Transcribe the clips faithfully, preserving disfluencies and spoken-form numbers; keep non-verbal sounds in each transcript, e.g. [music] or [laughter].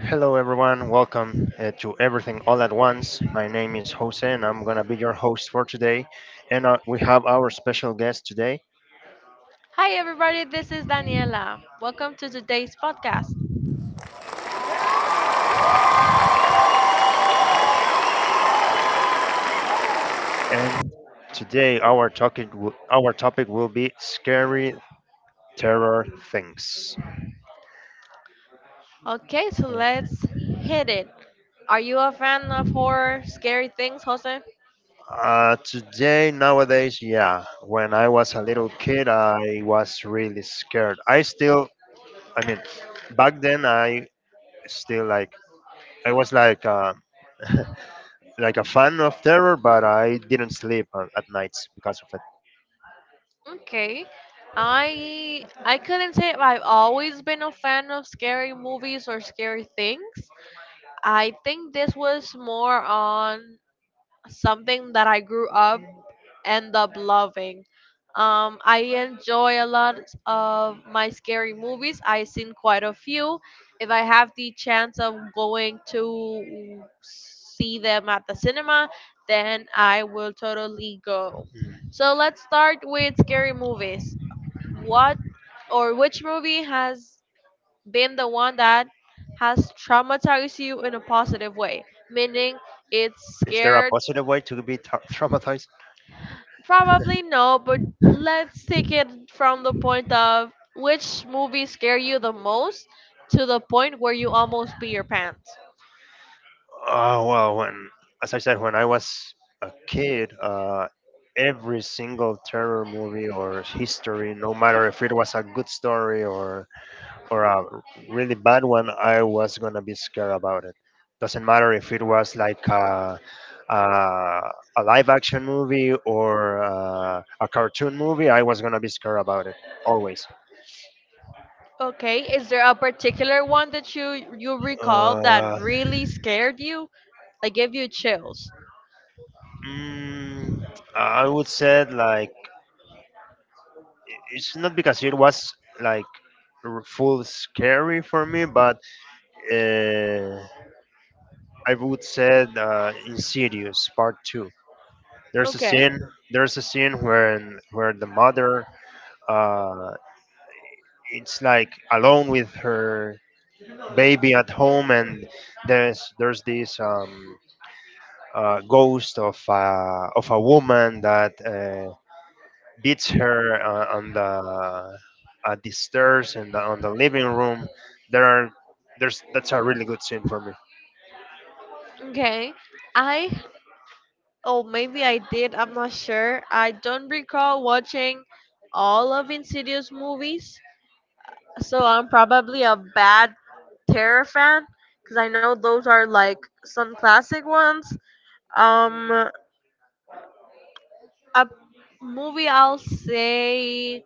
Hello, everyone. Welcome uh, to Everything All at Once. My name is Jose, and I'm gonna be your host for today. And uh, we have our special guest today. Hi, everybody, this is Daniela. Welcome to today's podcast. And today, our topic w- our topic will be scary terror things. Okay, so let's hit it. Are you a fan of horror, scary things, Jose? Uh, today, nowadays, yeah. When I was a little kid, I was really scared. I still, I mean, back then, I still like I was like. Uh, [laughs] like a fan of terror, but I didn't sleep at, at nights because of it. Okay. I I couldn't say I've always been a fan of scary movies or scary things. I think this was more on something that I grew up end up loving. Um, I enjoy a lot of my scary movies. I've seen quite a few. If I have the chance of going to see them at the cinema, then I will totally go. So let's start with scary movies. What or which movie has been the one that has traumatized you in a positive way? Meaning, it's Is there a scared. positive way to be tra- traumatized? Probably no, but let's take it from the point of which movie scare you the most to the point where you almost pee your pants. Oh well, when as I said, when I was a kid, uh, every single terror movie or history, no matter if it was a good story or or a really bad one, I was gonna be scared about it. Doesn't matter if it was like a, a, a live action movie or uh a cartoon movie, I was gonna be scared about it always. Okay, is there a particular one that you you recall that Uh, really scared you? Like gave you chills? mm, I would say like i- it's not because it was like r- full scary for me, but uh, I would say uh, Insidious Part Two. There's a Okay. scene. There's a scene where where the mother, uh, it's like alone with her baby at home, and there's there's this um, uh, ghost of uh, of a woman that. Uh, beats her uh, on the at the stairs and the, on the living room. There are there's that's a really good scene for me. Okay. I, oh maybe I did, I'm not sure. I don't recall watching all of Insidious movies, so I'm probably a bad Terra fan because I know those are like some classic ones. Um, a movie I'll say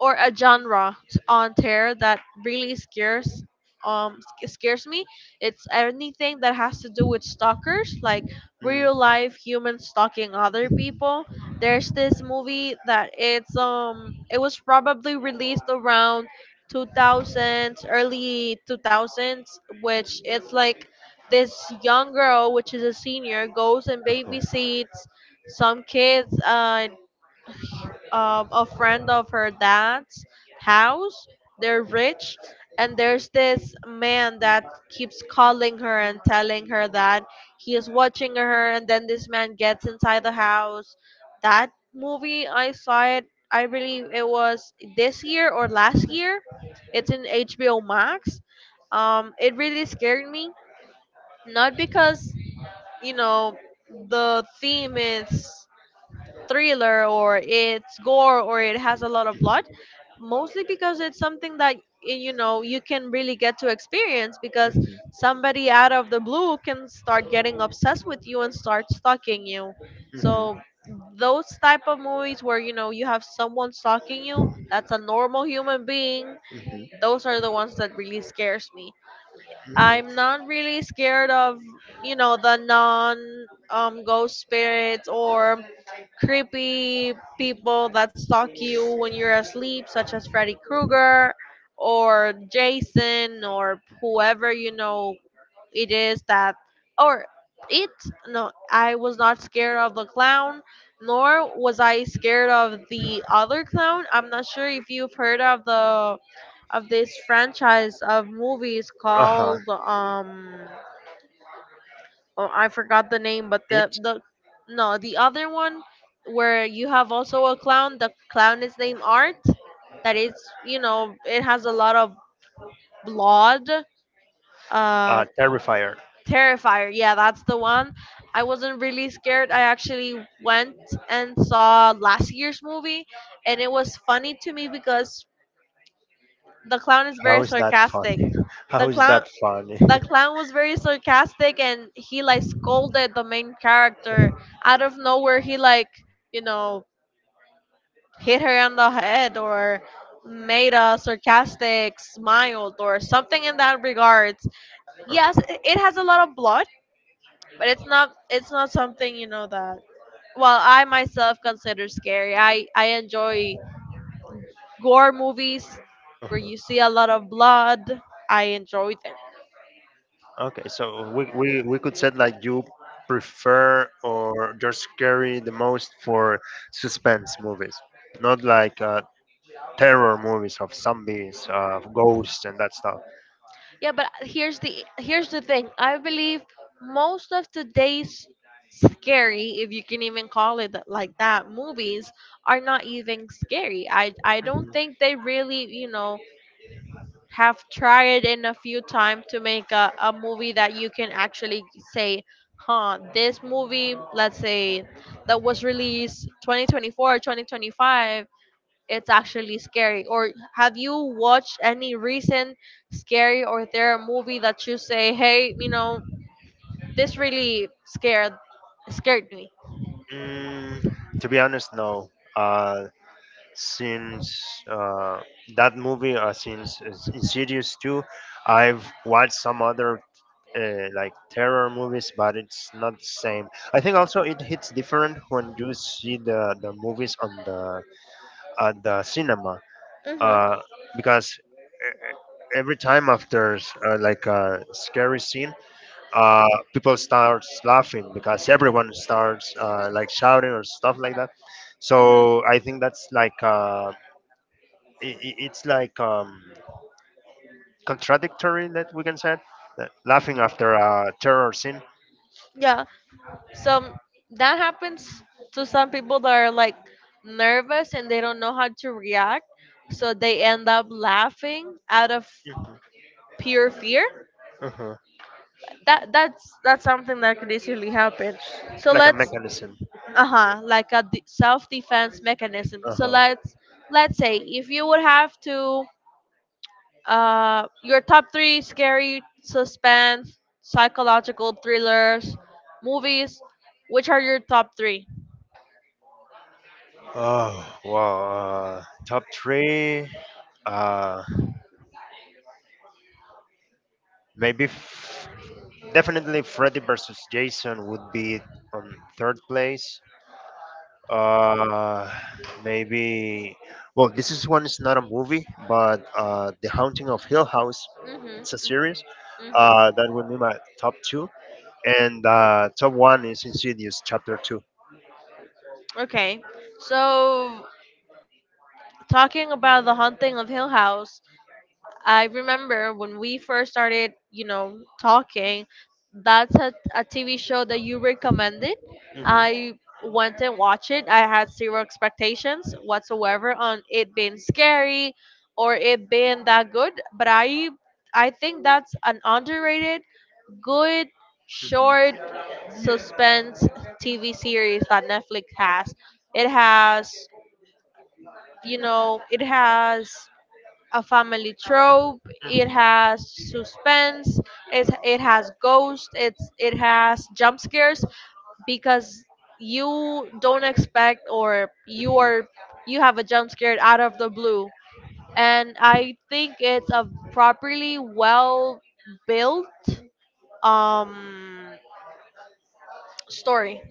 or a genre on there that really scares, um sc- scares me, it's anything that has to do with stalkers, like Mm, real life humans stalking other people. There's this movie that it's um it was probably released around two thousands, early two thousands, which it's like this young girl, which is a senior, goes and uh-huh, babysits some kids, uh um, a friend of her dad's house. They're rich, and there's this man that keeps calling her and telling her that he is watching her, and then this man gets inside the house. That movie, I saw it. I believe it was this year or last year. It's in H B O Max. Um, It really scared me, not because, you know, the theme is thriller or it's gore or it has a lot of blood, mostly because it's something that y- you know you can really get to experience, because mhm, somebody out of the blue can start getting obsessed with you and start stalking you. mhm, So those type of movies where you know you have someone stalking you, that's a normal human being, mhm, those are the ones that really scares me. mhm. I'm not really scared of, you know, the non um ghost spirits or creepy people that stalk you when you're asleep, such as Freddy Krueger or Jason or whoever, you know, it is that, or it, no I was not scared of the clown, nor was I scared of the other clown. I'm not sure if you've heard of the of this franchise of movies Uh-huh. called um oh, I forgot the name, but the It the no, the other one where you have also a clown. The clown is named Art. That is, you know, it has a lot of blood. uh Um, Terrifier. Terrifier. Yeah, that's the one. I wasn't really scared. I actually went and saw last year's movie, and it was funny to me because the clown is How very is that sarcastic. funny? [laughs] The How is clown that funny? The [laughs] clown was very sarcastic and he like scolded the main character out of nowhere. He like, you know, hit her on the head or made a sarcastic smile or something in that regards. Yes, i- it has a lot of blood, but it's not it's not something, you know, that, well, I myself consider scary. I I enjoy gore movies where you see a lot of blood. I enjoy them. Okay, so we, we, we could say like you prefer or you're scary the most for suspense movies, not like uh, terror movies of zombies, uh, of ghosts, and that stuff. Yeah, but here's the here's the thing. I believe most of today's scary, if you can even call it that- like that, movies are not even scary. I I don't think they really, you know, have tried in a few time to make a, a movie that you can actually say, huh, this movie, let's say that was released twenty twenty-four, twenty twenty-five, it's actually scary. Or have you watched any recent scary or terror movie that you say, hey, you know, this really scared scared me? Mm, to be honest, no. Uh, since uh, that movie, uh, since uh, Insidious two, I've watched some other uh, like terror movies, but it's not the same. I think also it hits different when you see the, the movies on the at the cinema, Mhm. uh, because e, every time after uh, like a scary scene, uh, people starts laughing because everyone starts uh, like shouting or stuff like that. Mhm. So I think that's like uh, i i- it's like um, contradictory that we can say it, that laughing after a terror scene. Yeah. So that happens to some people that are like nervous and they don't know how to react, so they end up laughing out of Mhm. pure fear. Uh-huh. That that's that's something that could easily happen. So It's like a let's, mechanism. uh-huh, like a de- self-defense mechanism, so Uh-huh. let's let's say if you would have to, uh, your top three scary suspense psychological thrillers movies, which are your top three? Oh, wow! Uh, top three, uh, maybe f- definitely Freddy versus Jason would be on third place. Uh, Maybe. Well, this is one is not a movie, but uh, The Haunting of Hill House. Mm-hmm. It's a series. Mm-hmm. Uh, that would be my top two, and uh, top one is Insidious Chapter two. Okay, so talking about The Haunting of Hill House, I remember when we first started, you know, talking, that's a T V show that you recommended. Mm-hmm. I went and watched it. I had zero expectations whatsoever on it being scary or it being that good, but I I think that's an underrated, good, Hmm, short suspense T V series that Netflix has. It has, you know, it has a family trope. It hmm. has suspense. It it has ghosts. It's it has jump scares because you don't expect, or you are, you have a jump scare out of the blue. And I think it's a properly well built um story,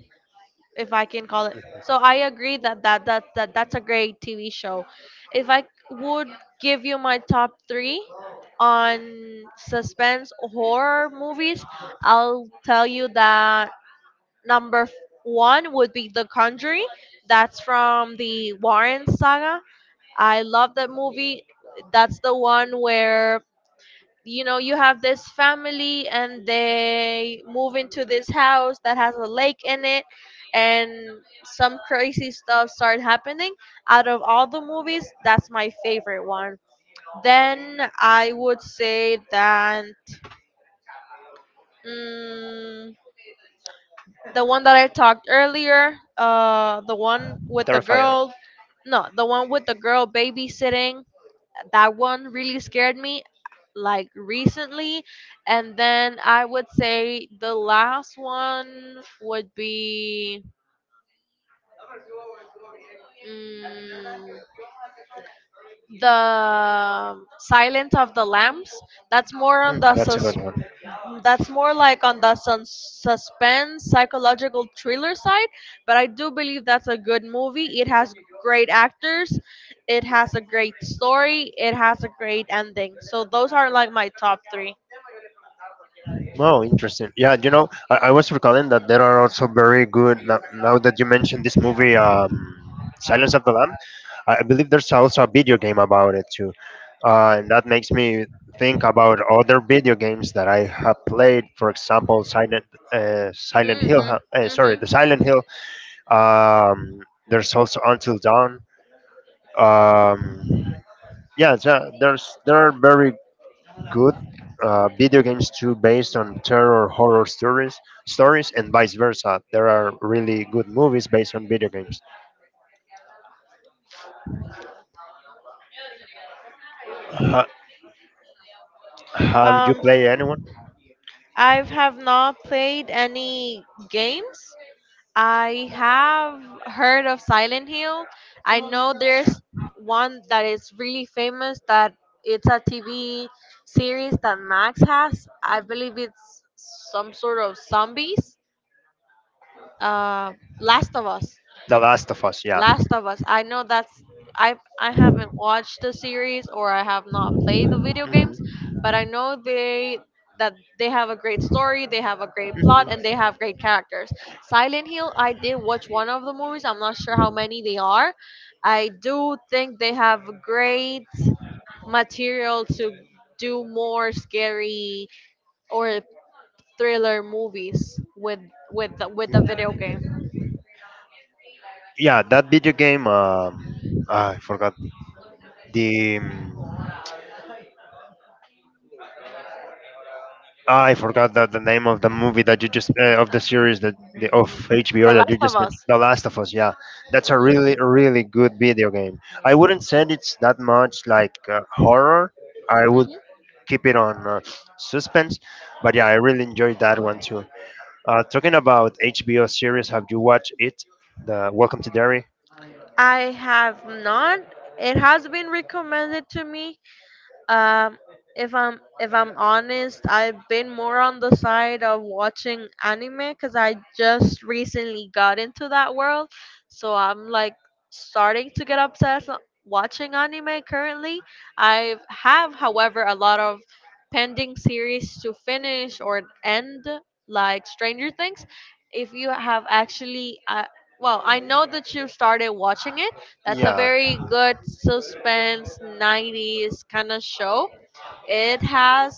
if I can call it. So I agree that that that, that that's a great T V show. If I would give you my top three on suspense horror movies, I'll tell you that number f- one would be The Conjuring. That's from the Warren saga. I love that movie. That's the one where, you know, you have this family and they move into this house that has a lake in it, and some crazy stuff start happening. Out of all the movies, that's my favorite one. Then I would say that, mm, the one that I talked earlier, uh the one with the Terrifier. girl, no, the one with the girl babysitting. That one really scared me, like recently. And then I would say the last one would be, mm, the Silence of the Lambs. That's more on Mm, the that's a sus- good one. that's more like on the sus suspense psychological thriller side, but I do believe that's a good movie. It has great actors, it has a great story, it has a great ending. So those are like my top three. Oh, interesting. Yeah, you know, I, I was recalling that there are also very good. Now, now that you mentioned this movie, um, Silence of the Lambs. I believe there's also a video game about it too, uh, and that makes me think about other video games that I have played. For example, Silent uh, Silent Hill. Mm-hmm. Ha- Uh, sorry, Hmm. the Silent Hill. Um, there's also Until Dawn. Um, yeah, so there's there are very good uh, video games too, based on terror horror stories, stories, and vice versa. There are really good movies based on video games. Ha- have you Um, played anyone? I have not played any games. I have heard of Silent Hill. I know there's one that is really famous that it's a T V series that Max has. I believe it's some sort of zombies. Uh, Last of Us. The Last of Us. Yeah. Last of Us. I know that's, I I haven't watched the series or I have not played the video games, Mm-hmm. but I know they that they have a great story, they have a great plot, and they have great characters. Silent Hill, I did watch one of the movies. I'm not sure how many they are. I do think they have great material to do more scary or thriller movies with with the, with the video game. Yeah, that video game. Um, ah, I forgot the. um, I forgot the, the name of the movie that you just uh, of the series that the, of The H B O that Last you of just mentioned, Us. The Last of Us. Yeah, that's a Hmm. really really good video game. I wouldn't say it's that much like uh, horror. I would keep it on uh, suspense, but yeah, I really enjoyed that one too. Uh, talking about H B O series, have you watched it? The Welcome to Derry. I have not. It has been recommended to me. Um, if I'm if I'm honest, I've been more on the side of watching anime because I just recently got into that world, so I'm like starting to get obsessed o- watching anime currently. I have, however, a lot of pending series to finish or end, like Stranger Things. If you have actually, uh, well, I know that you started watching it, that's a Yeah. very good suspense nineties kind of show. It has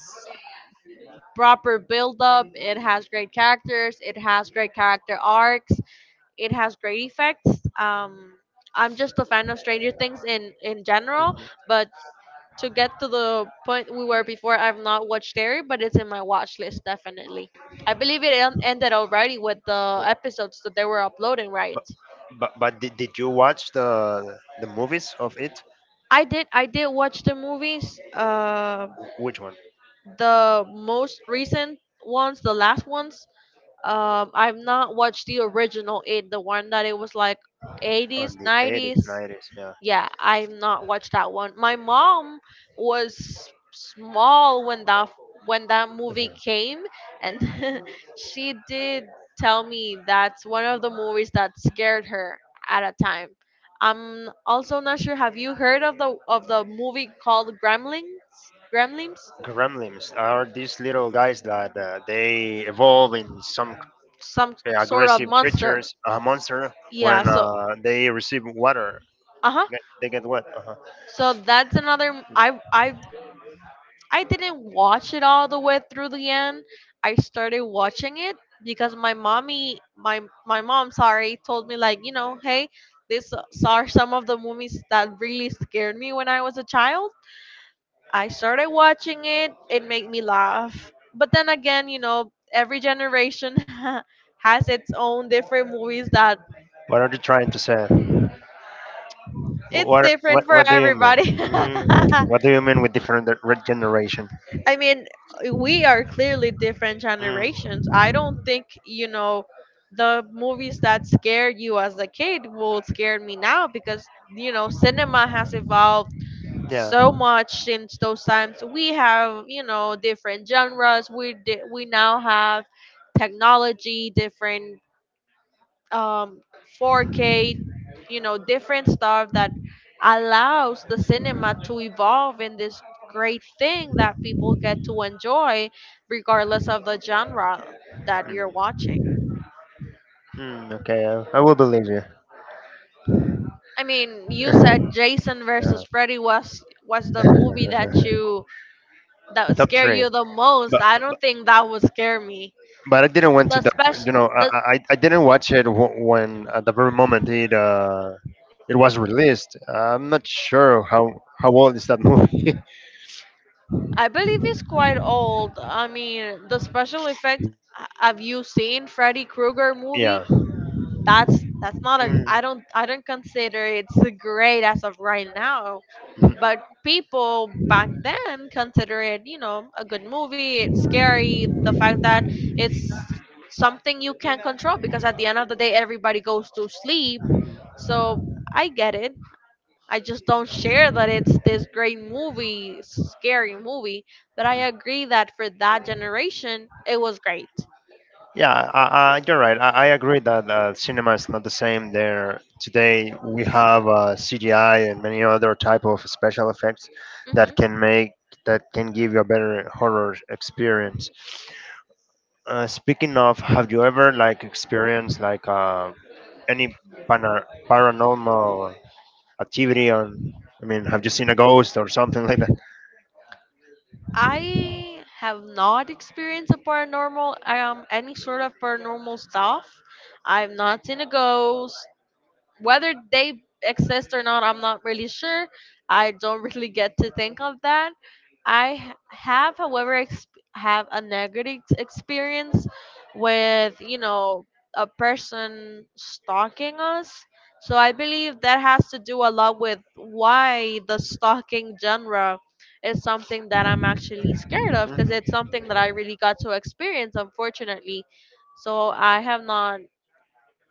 proper build up, it has great characters, it has great character arcs, it has great effects. Um I'm just a fan of Stranger Things in in general, but to get to the point we were before, I've not watched Terry, but it's in my watch list definitely. I believe it en- ended already with the episodes that they were uploading, right? But but, but did, did you watch the the movies of it? I did I did watch the movies. Um Which one? The most recent ones, the last ones, um, I've not watched the original It, the one that it was like eighties, On the eighties, nineties. nineties, yeah. Yeah, I've not watched that one. My mom was small when that when that movie came, and [laughs] she did tell me that's one of the movies that scared her at a time. I'm also not sure. Have you heard of the of the movie called Gremlins? Gremlins? Gremlins are these little guys that uh, they evolve in some Some uh, sort of aggressive monster. creatures, a monster. Yeah, When so uh, they receive water, uh-huh. Get- they get wet. Uh-huh. So that's another, I I I didn't watch it all the way through the end. I started watching it because my mommy my my mom, sorry, told me like, you know, hey, this are some of the movies that really scared me when I was a child. I started watching it. It made me laugh. But then again, you know, every generation [laughs] has its own different movies that What are you trying to say? it's What are- what different for what do you mean? everybody. Mm, [laughs] what do you mean with different re- regeneration? I mean, we are clearly different Mm, generations. I don't think, you know, the movies that scared you as a kid will scare me now because, you know, cinema has evolved yeah. so much since those times. We have, you know, different genres. We di- we now have technology, different um, four K, you know, different stuff that allows the cinema to evolve in this great thing that people get to enjoy regardless of the genre that you're Mm, watching. mm, okay, I, I will believe you. I mean, you said [laughs] Jason versus Freddy was was the movie Yeah. that [laughs] you that Top scared three. you the most. But I but, don't think that would scare me. but I didn't went to The the special you know the I I, I didn't watch it w- when at the very moment it uh it was released. I'm not sure how how old is that movie. I believe it's quite old. I mean, the special effects. h- Have you seen Freddy Krueger movie? [laughs] Yeah. that's that's not a Mm. i don't i don't consider it's great as of right now, but people back then consider it you know a good movie. It's scary, the fact that it's something you can control, because at the end of the day everybody goes to sleep, so I get it. I just don't share that it's this great movie, scary movie, but I agree that for that generation it was great. Yeah, I, I, you're right. I, I agree that uh, cinema is not the same there. Today we have uh, C G I and many other type of special effects Mm-hmm. that can make that can give you a better horror experience. Uh, speaking of, have you ever like experienced like uh, any pana- paranormal activity? On, I mean, have you seen a ghost or something [laughs] like that? I have not experienced a paranormal, um, any sort of paranormal stuff. I've not seen a ghost. Whether they exist or not, I'm not really sure. I don't [laughs] really get to think of that. I h- have, however, exp- have a negative experience with, you know, a person stalking us, so I believe that has to do a lot with why the stalking genre is something that I'm actually scared of, because Mm. it's something that I really got to experience, unfortunately. So I have not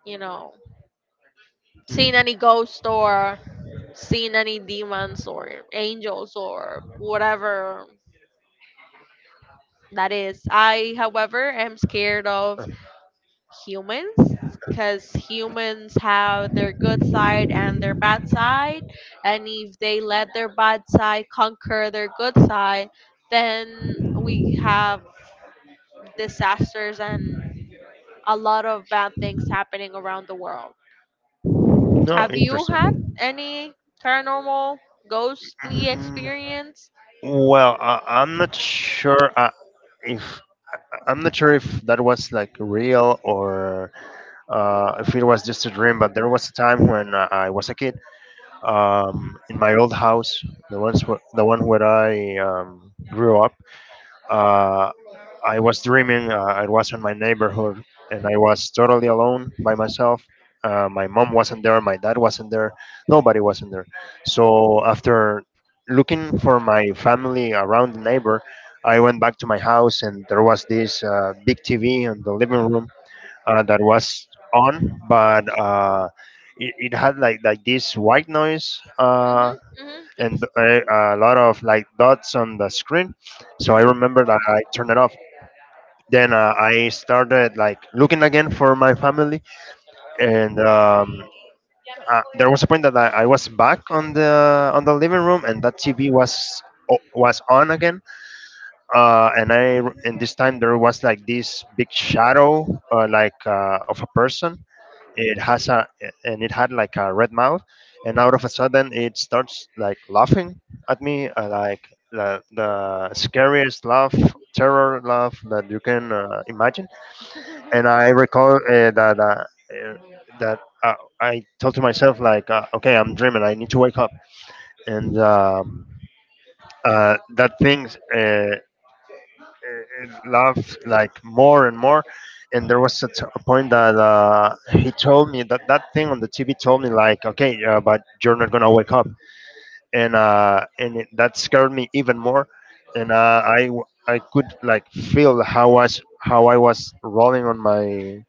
you know seen any ghost or seen any demons or angels or whatever that is. I, however, am scared of humans, because humans have their good side and their bad side. And if they let their bad side conquer their good side, then we have disasters and a lot of bad things happening around the world. No, Have you had interesting. any paranormal ghostly Mm. experience? Well, uh, I'm not sure uh, if I'm not sure if that was like real or uh, if it was just a dream. But there was a time when uh, I was a kid, um, in my old house, the ones wh- the one where I um, grew up. Uh, I was dreaming. Uh, I was in my neighborhood, and I was totally alone by myself. Uh, my mom wasn't there. My dad wasn't there. Nobody wasn't there. So after looking for my family around the neighbor, I went back to my house, and there was this uh, big T V in the living room, uh, that was on, but uh, it, it had like like this white noise, uh, Mm-hmm, and mm-hmm. uh, a lot of like dots on the screen. So I Hmm. remember that I turned it off, then uh, I started like looking again for my family, and um, uh, there was a point that I, I was back on the on the living room, and that T V was o- was on again. Uh, and I and this time there was like this big shadow, uh, like uh, of a person. It has a And it had like a red mouth, and out of a sudden it starts like laughing at me, uh, like the the scariest laugh, terror laugh that you can uh, imagine. And I recall uh, that uh, uh, that uh, I told to myself like, uh, okay, I'm dreaming. I need to wake up, and um, uh, that things, uh, uh, laughed like more and more. And there was a, t- a point that uh, he told me that that thing on the T V told me like, okay, uh, but you're not gonna wake up, and uh, and it, that scared me even more. And uh, I w- I could like feel how I s- how I was rolling on my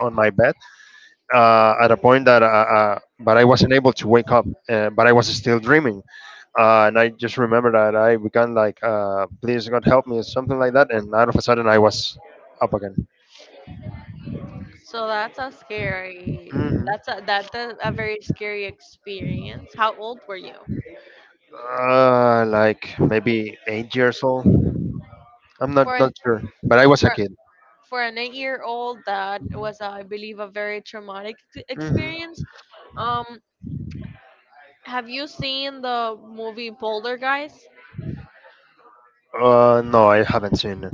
on my bed, uh, at a point that uh, uh, but I wasn't able to wake up, uh, but I was still dreaming. Uh, and I just remember that I began like, uh, "Please God help me," or something like that. And out of a sudden, I was up again. So that's a scary. Hmm. That's a that's a, a very scary experience. How old were you? Uh, like maybe eight years old. I'm For not an not sure, but I was a for kid. for an eight year old, that was, I believe, a very traumatic ex- Hmm. experience. Um, have you seen the movie Poltergeist? Uh, no, I haven't seen it.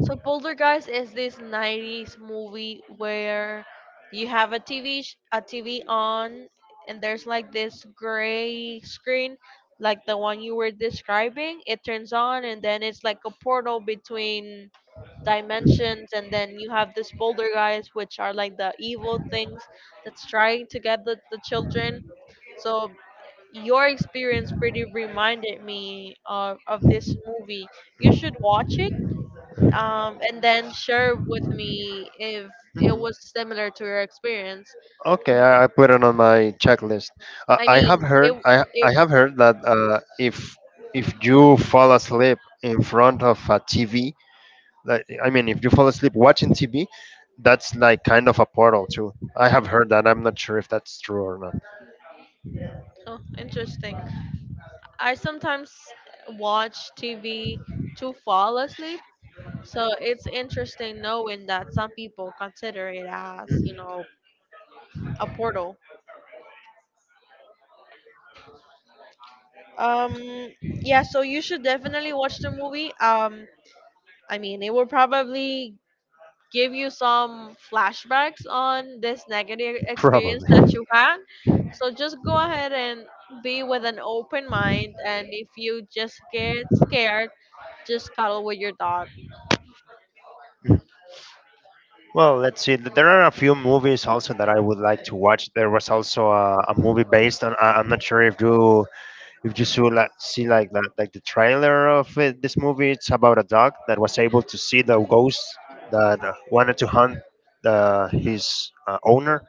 So Poltergeist is this nineties movie where you have a T V sh- a T V on, and there's like this gray screen like the one you were describing. It turns on, and then it's like a portal between dimensions, and then you have this poltergeist, which are like the evil things that's trying to get the, the children. So your experience pretty reminded me of, of this movie. You should watch it, um, and then share with me if it Mhm. was similar to your experience. Okay, I, I put it on my checklist. Uh, I I have mean, it heard, I it I have heard that uh, if if you fall asleep in front of a T V. Like, I mean, if you fall asleep watching T V, that's like kind of a portal too. I have heard that. I'm not sure if that's true or not. oh, interesting. I sometimes watch T V to fall asleep, so it's interesting knowing that some people consider it as, you know, a portal. Um, yeah, so you should definitely watch the movie. Um, I mean, it will probably give you some flashbacks on this negative [laughs] experience Probably. that you had. So just go ahead and be with an open mind. And if you just get scared, just cuddle with your dog. Well, let's see. There are a few movies also that I would like to watch. There was also a, a movie based on. I, I'm not sure if you if you saw like, see like that like the trailer of it, this movie. It's about a dog that was able to see the ghost that uh, wanted to hunt the his, uh, owner.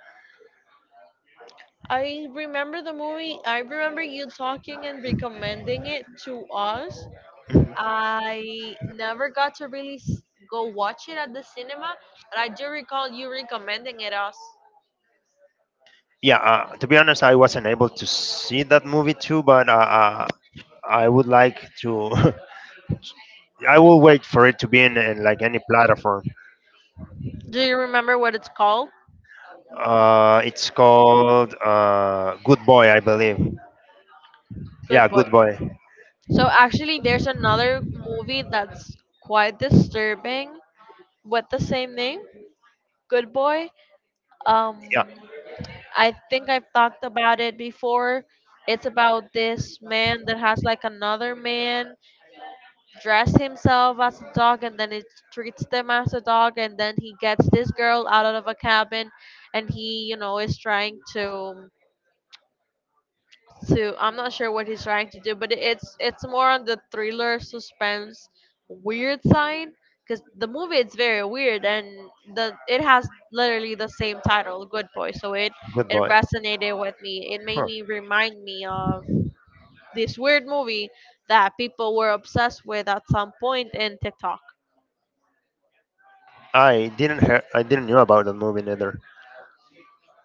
I remember the movie. I remember you talking and recommending it to us. I never got to really s- go watch it at the cinema, but I do recall you recommending it us. Yeah, uh, to be honest, I wasn't able to see that movie too, but uh, uh, I would like to. [laughs] I will wait for it to be in, in like any platform. Do you remember what it's called? Uh, it's called uh, Good Boy, I believe. Yeah, Good boy. Good Boy. So actually, there's another movie that's quite disturbing with the same name, Good Boy. Yeah, Um, I think I've talked about it before. It's about this man that has like another man dress himself as a dog, and then it treats them as a dog, and then he gets this girl out of a cabin, and he you know, is trying to. So I'm not sure what he's trying to do, but it's it's more on the thriller suspense weird side, because the movie is very weird, and the it has literally the same title, Good Boy. So it Good it Boy. resonated with me. It made Huh. me remind me of this weird movie that people were obsessed with at some point in TikTok. I didn't hear. I didn't know about the movie neither.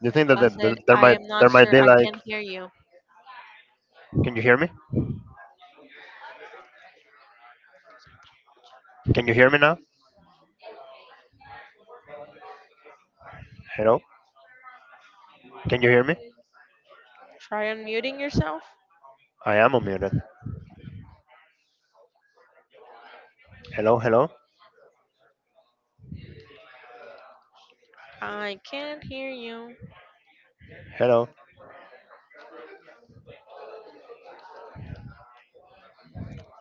Do you think that I the, said, the, there I might am not there might sure. be I like? can't hear you. Can you hear me? Can you hear me now? Hello. Can you hear me? Try unmuting yourself. I am unmuted. Hello. Hello. I can't hear you. Hello.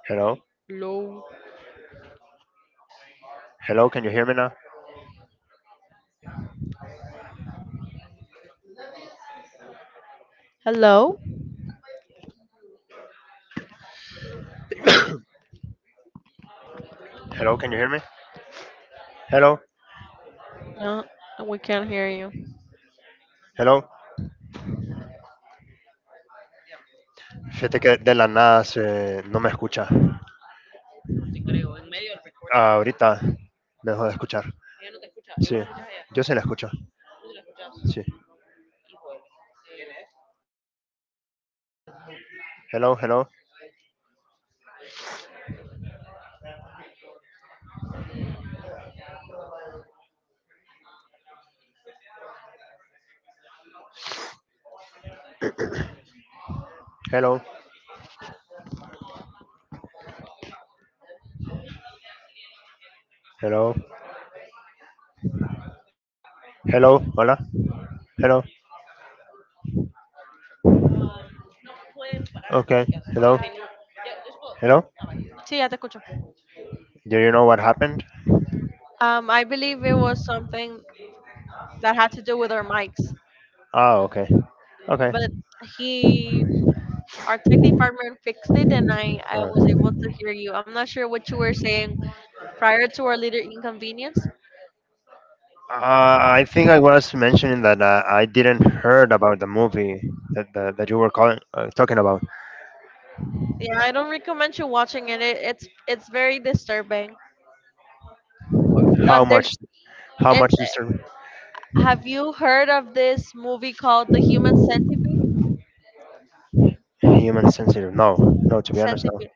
Hello. Hello. Hello. Can you hear me now? Hello? Hello. Can you hear me? Hello. No, we can't hear you. Hello. Fíjate que de la nada se, no me escucha. Ah, ahorita me dejó de escuchar. Sí. Yo sí la escucho. Sí. Hello, hello, hello, hello, hello, hola, hello, no, okay, hello, hello. Sí, ya te escucho. Do you know what happened? Um, I believe it was something that had to do with our mics, Oh, okay, okay. but he, our tech department fixed it, and I, I Uh, was able to hear you. I'm not sure what you were saying prior to our little inconvenience. uh, I think I was mentioning that uh, I didn't heard about the movie that that, that you were calling, uh, talking about. Yeah, I don't recommend you watching it. it it's it's very disturbing. Uh, How there's much? How it's. much is the Have you heard of this movie called The Human Centipede? human sensitive? No, no. To be honest, no. Centipede.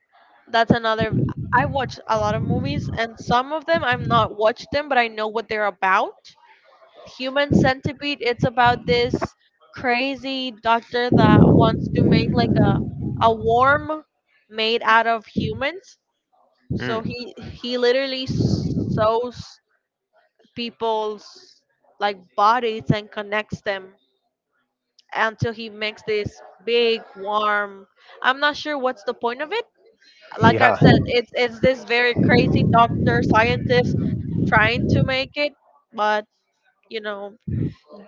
That's another. I watch a lot of movies, and some of them I'm not watched them, but I know what they're about. Human Centipede. It's about this crazy doctor that wants to make like a a worm made out of humans. So Mm. he he literally sews people's like bodies and connects them until he makes this big worm. I'm not sure what's the point of it. Like I've Yeah, said, it's it's this very crazy doctor scientist trying to make it, but, you know,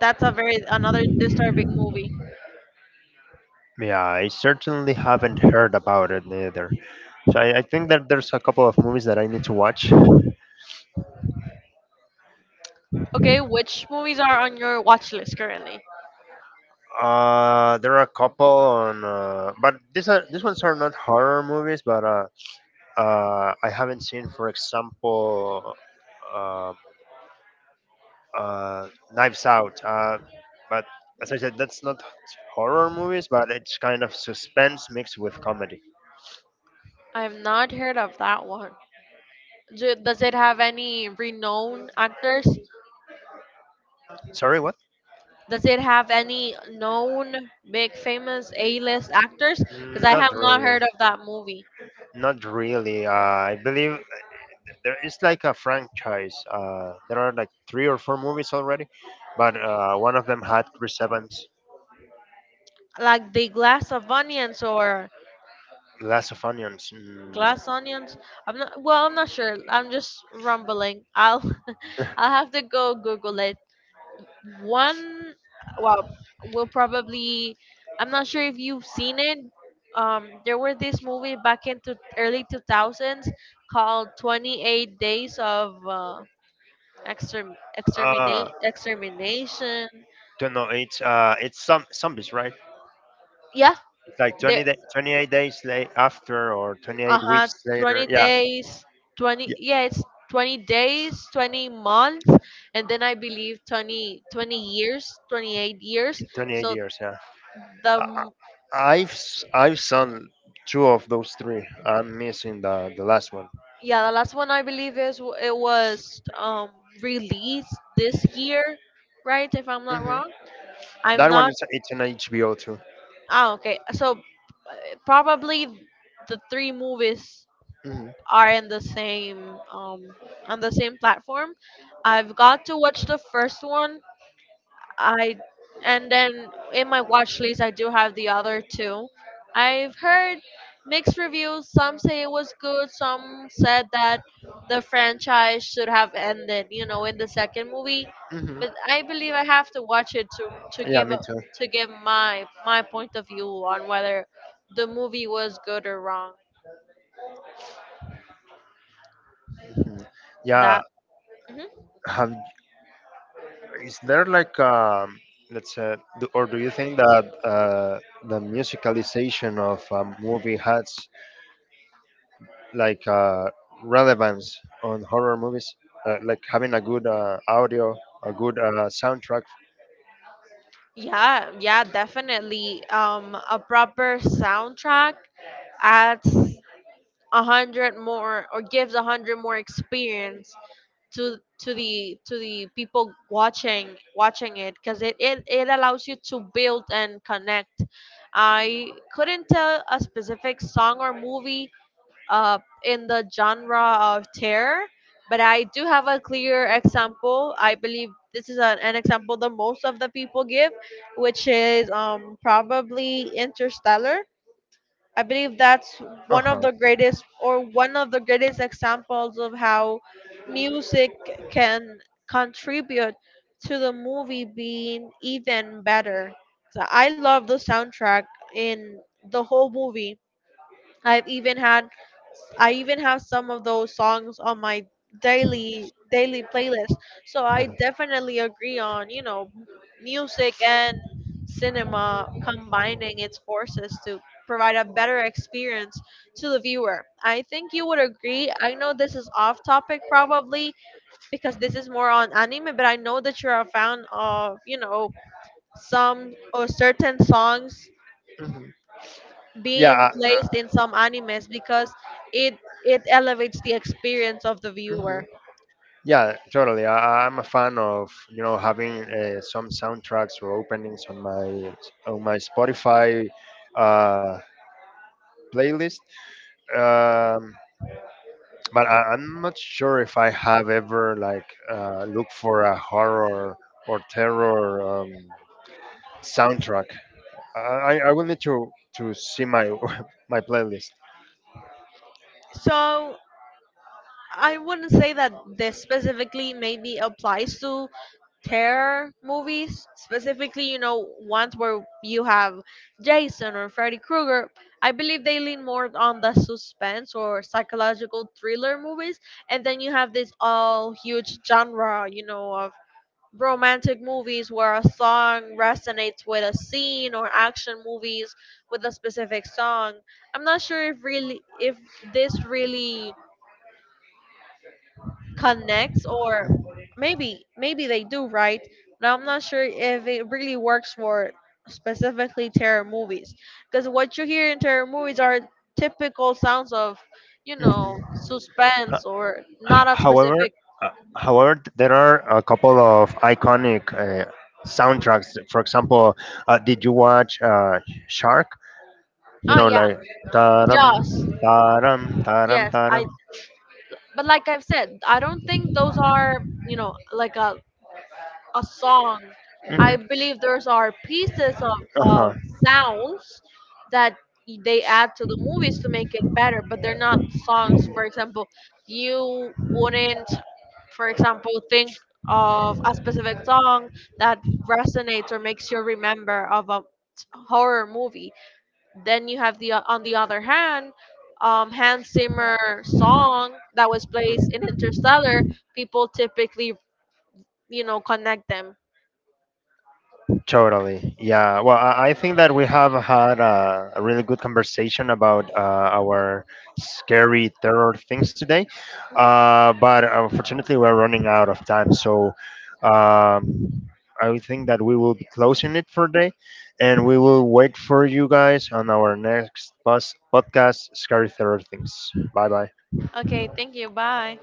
that's a very another disturbing movie. yeah, I certainly haven't heard about it either. So I, I think that there's a couple of movies that I need to watch. Okay, which movies are on your watch list currently? Uh, there are a couple on, uh, but these are these ones are not horror movies. But uh, uh, I haven't seen, for example, uh, uh, Knives Out. Uh, but as I said, that's not horror movies, but it's kind of suspense mixed with comedy. I've not heard of that one. Do, does it have any renowned actors? Sorry, what? Does it have any known big famous A-list actors? Because I have Not not really. heard of that movie, Not really. Uh, I believe there is like a franchise. Uh, there are like three or four movies already, but uh, one of them had Chris Evans. like The Glass of Onions or Last of Onions. Mm, glass onions. I'm not well, I'm not sure, I'm just rumbling. I'll [laughs] I'll have to go google it. One Well, we'll probably, I'm not sure if you've seen it. Um there were this movie back into early two thousands called twenty-eight days of uh exterm- exterminate uh, extermination. don't know. It's uh, it's some zombies, right? Yeah, It's like there. twenty day, twenty-eight days late after or twenty-eight Uh-huh. weeks later. twenty Yeah, days, twenty, yeah, yeah, it's twenty days, twenty months, and then I believe twenty, twenty years, twenty-eight years. yeah, twenty-eight So years. Yeah, the I, m- I- I've s- I've seen two of those three. I'm missing the the last one. yeah, the last one I believe is w- it was um released this year, right? If I'm not Hmm. wrong. I'm That one not is it's an H B O too. Ah, okay, so uh, probably the three movies Hmm. are in the same um on the same platform. I've got to watch the first one I And then in my watch list I do have the other two. I've heard mixed reviews. Some say it was good, some said that the franchise should have ended, you know, in the second movie. But Hmm. I believe I have to watch it to to Yeah, give me a, too. to give my my point of view on whether the movie was good or wrong. Mhm. Yeah, That Mhm. have is there like, um let's say, do, or do you think that uh, the musicalization of a movie has like uh, relevance on horror movies, uh, like having a good uh, audio a good, uh, soundtrack? Yeah, yeah, definitely. Um, a proper soundtrack adds. A hundred more, or gives a hundred more experience to to the to the people watching watching it, because it, it it allows you to build and connect. I couldn't tell a specific song or movie, uh in the genre of terror, but I do have a clear example. I believe this is an, an example the most of the people give, which is um probably Interstellar. I believe that's one of Uh-huh. the greatest or one of the greatest examples of how music can contribute to the movie being even better. So I love the soundtrack in the whole movie. I've even had I even have some of those songs on my daily daily playlist. So I definitely agree on, you know, music and cinema combining its forces to provide a better experience to the viewer. I think you would agree. I know this is off topic probably, because this is more on anime, but I know that you're a fan of, you know, some or certain songs Yeah, I, being placed I- in some animes, because it it elevates the experience of the viewer. yeah, totally. I, I'm a fan of, you know having uh, some soundtracks or openings on my on my Spotify uh, playlist. um, but I, I'm not sure if I have ever like uh, looked for a horror or terror um, soundtrack. I, I will need to to see my [laughs] my playlist. So I wouldn't say that this specifically maybe applies to terror movies, specifically, you know, ones where you have Jason or Freddy Krueger. I believe they lean more on the suspense or psychological thriller movies, and then you have this all huge genre, you know, of romantic movies where a song resonates with a scene, or action movies with a specific song. I'm not sure if really if this really connects, or maybe maybe they do, right? But I'm not sure if it really works for specifically terror movies, because what you hear in terror movies are typical sounds of, you know Mhm. suspense, or H- not a However, specific. uh, however, th- there are a couple of iconic uh, soundtracks. For example, uh, did you watch uh, Shark? You Oh know, yeah, like taram jaws. taram taram Yes, I taram. but like I've said, I don't think those are, you know, like a a song. I Mhm. believe those are pieces of, Uh-huh. of sounds that they add to the movies to make it better, but they're not songs. For example, you wouldn't, for example, think of a specific song that resonates or makes you remember of a horror movie. Then you have the, on the other hand, um, Hans Zimmer song that was placed in Interstellar. People typically, you know, connect them. Totally. Yeah. Well, I, I think that we have had a, a really good conversation about uh, our scary terror things today. Uh, but unfortunately, we're running out of time. So um, I think that we will be closing it for today. And we will wait for you guys on our next bus podcast, Scary Terror Things. Bye bye. Okay, thank you. Bye.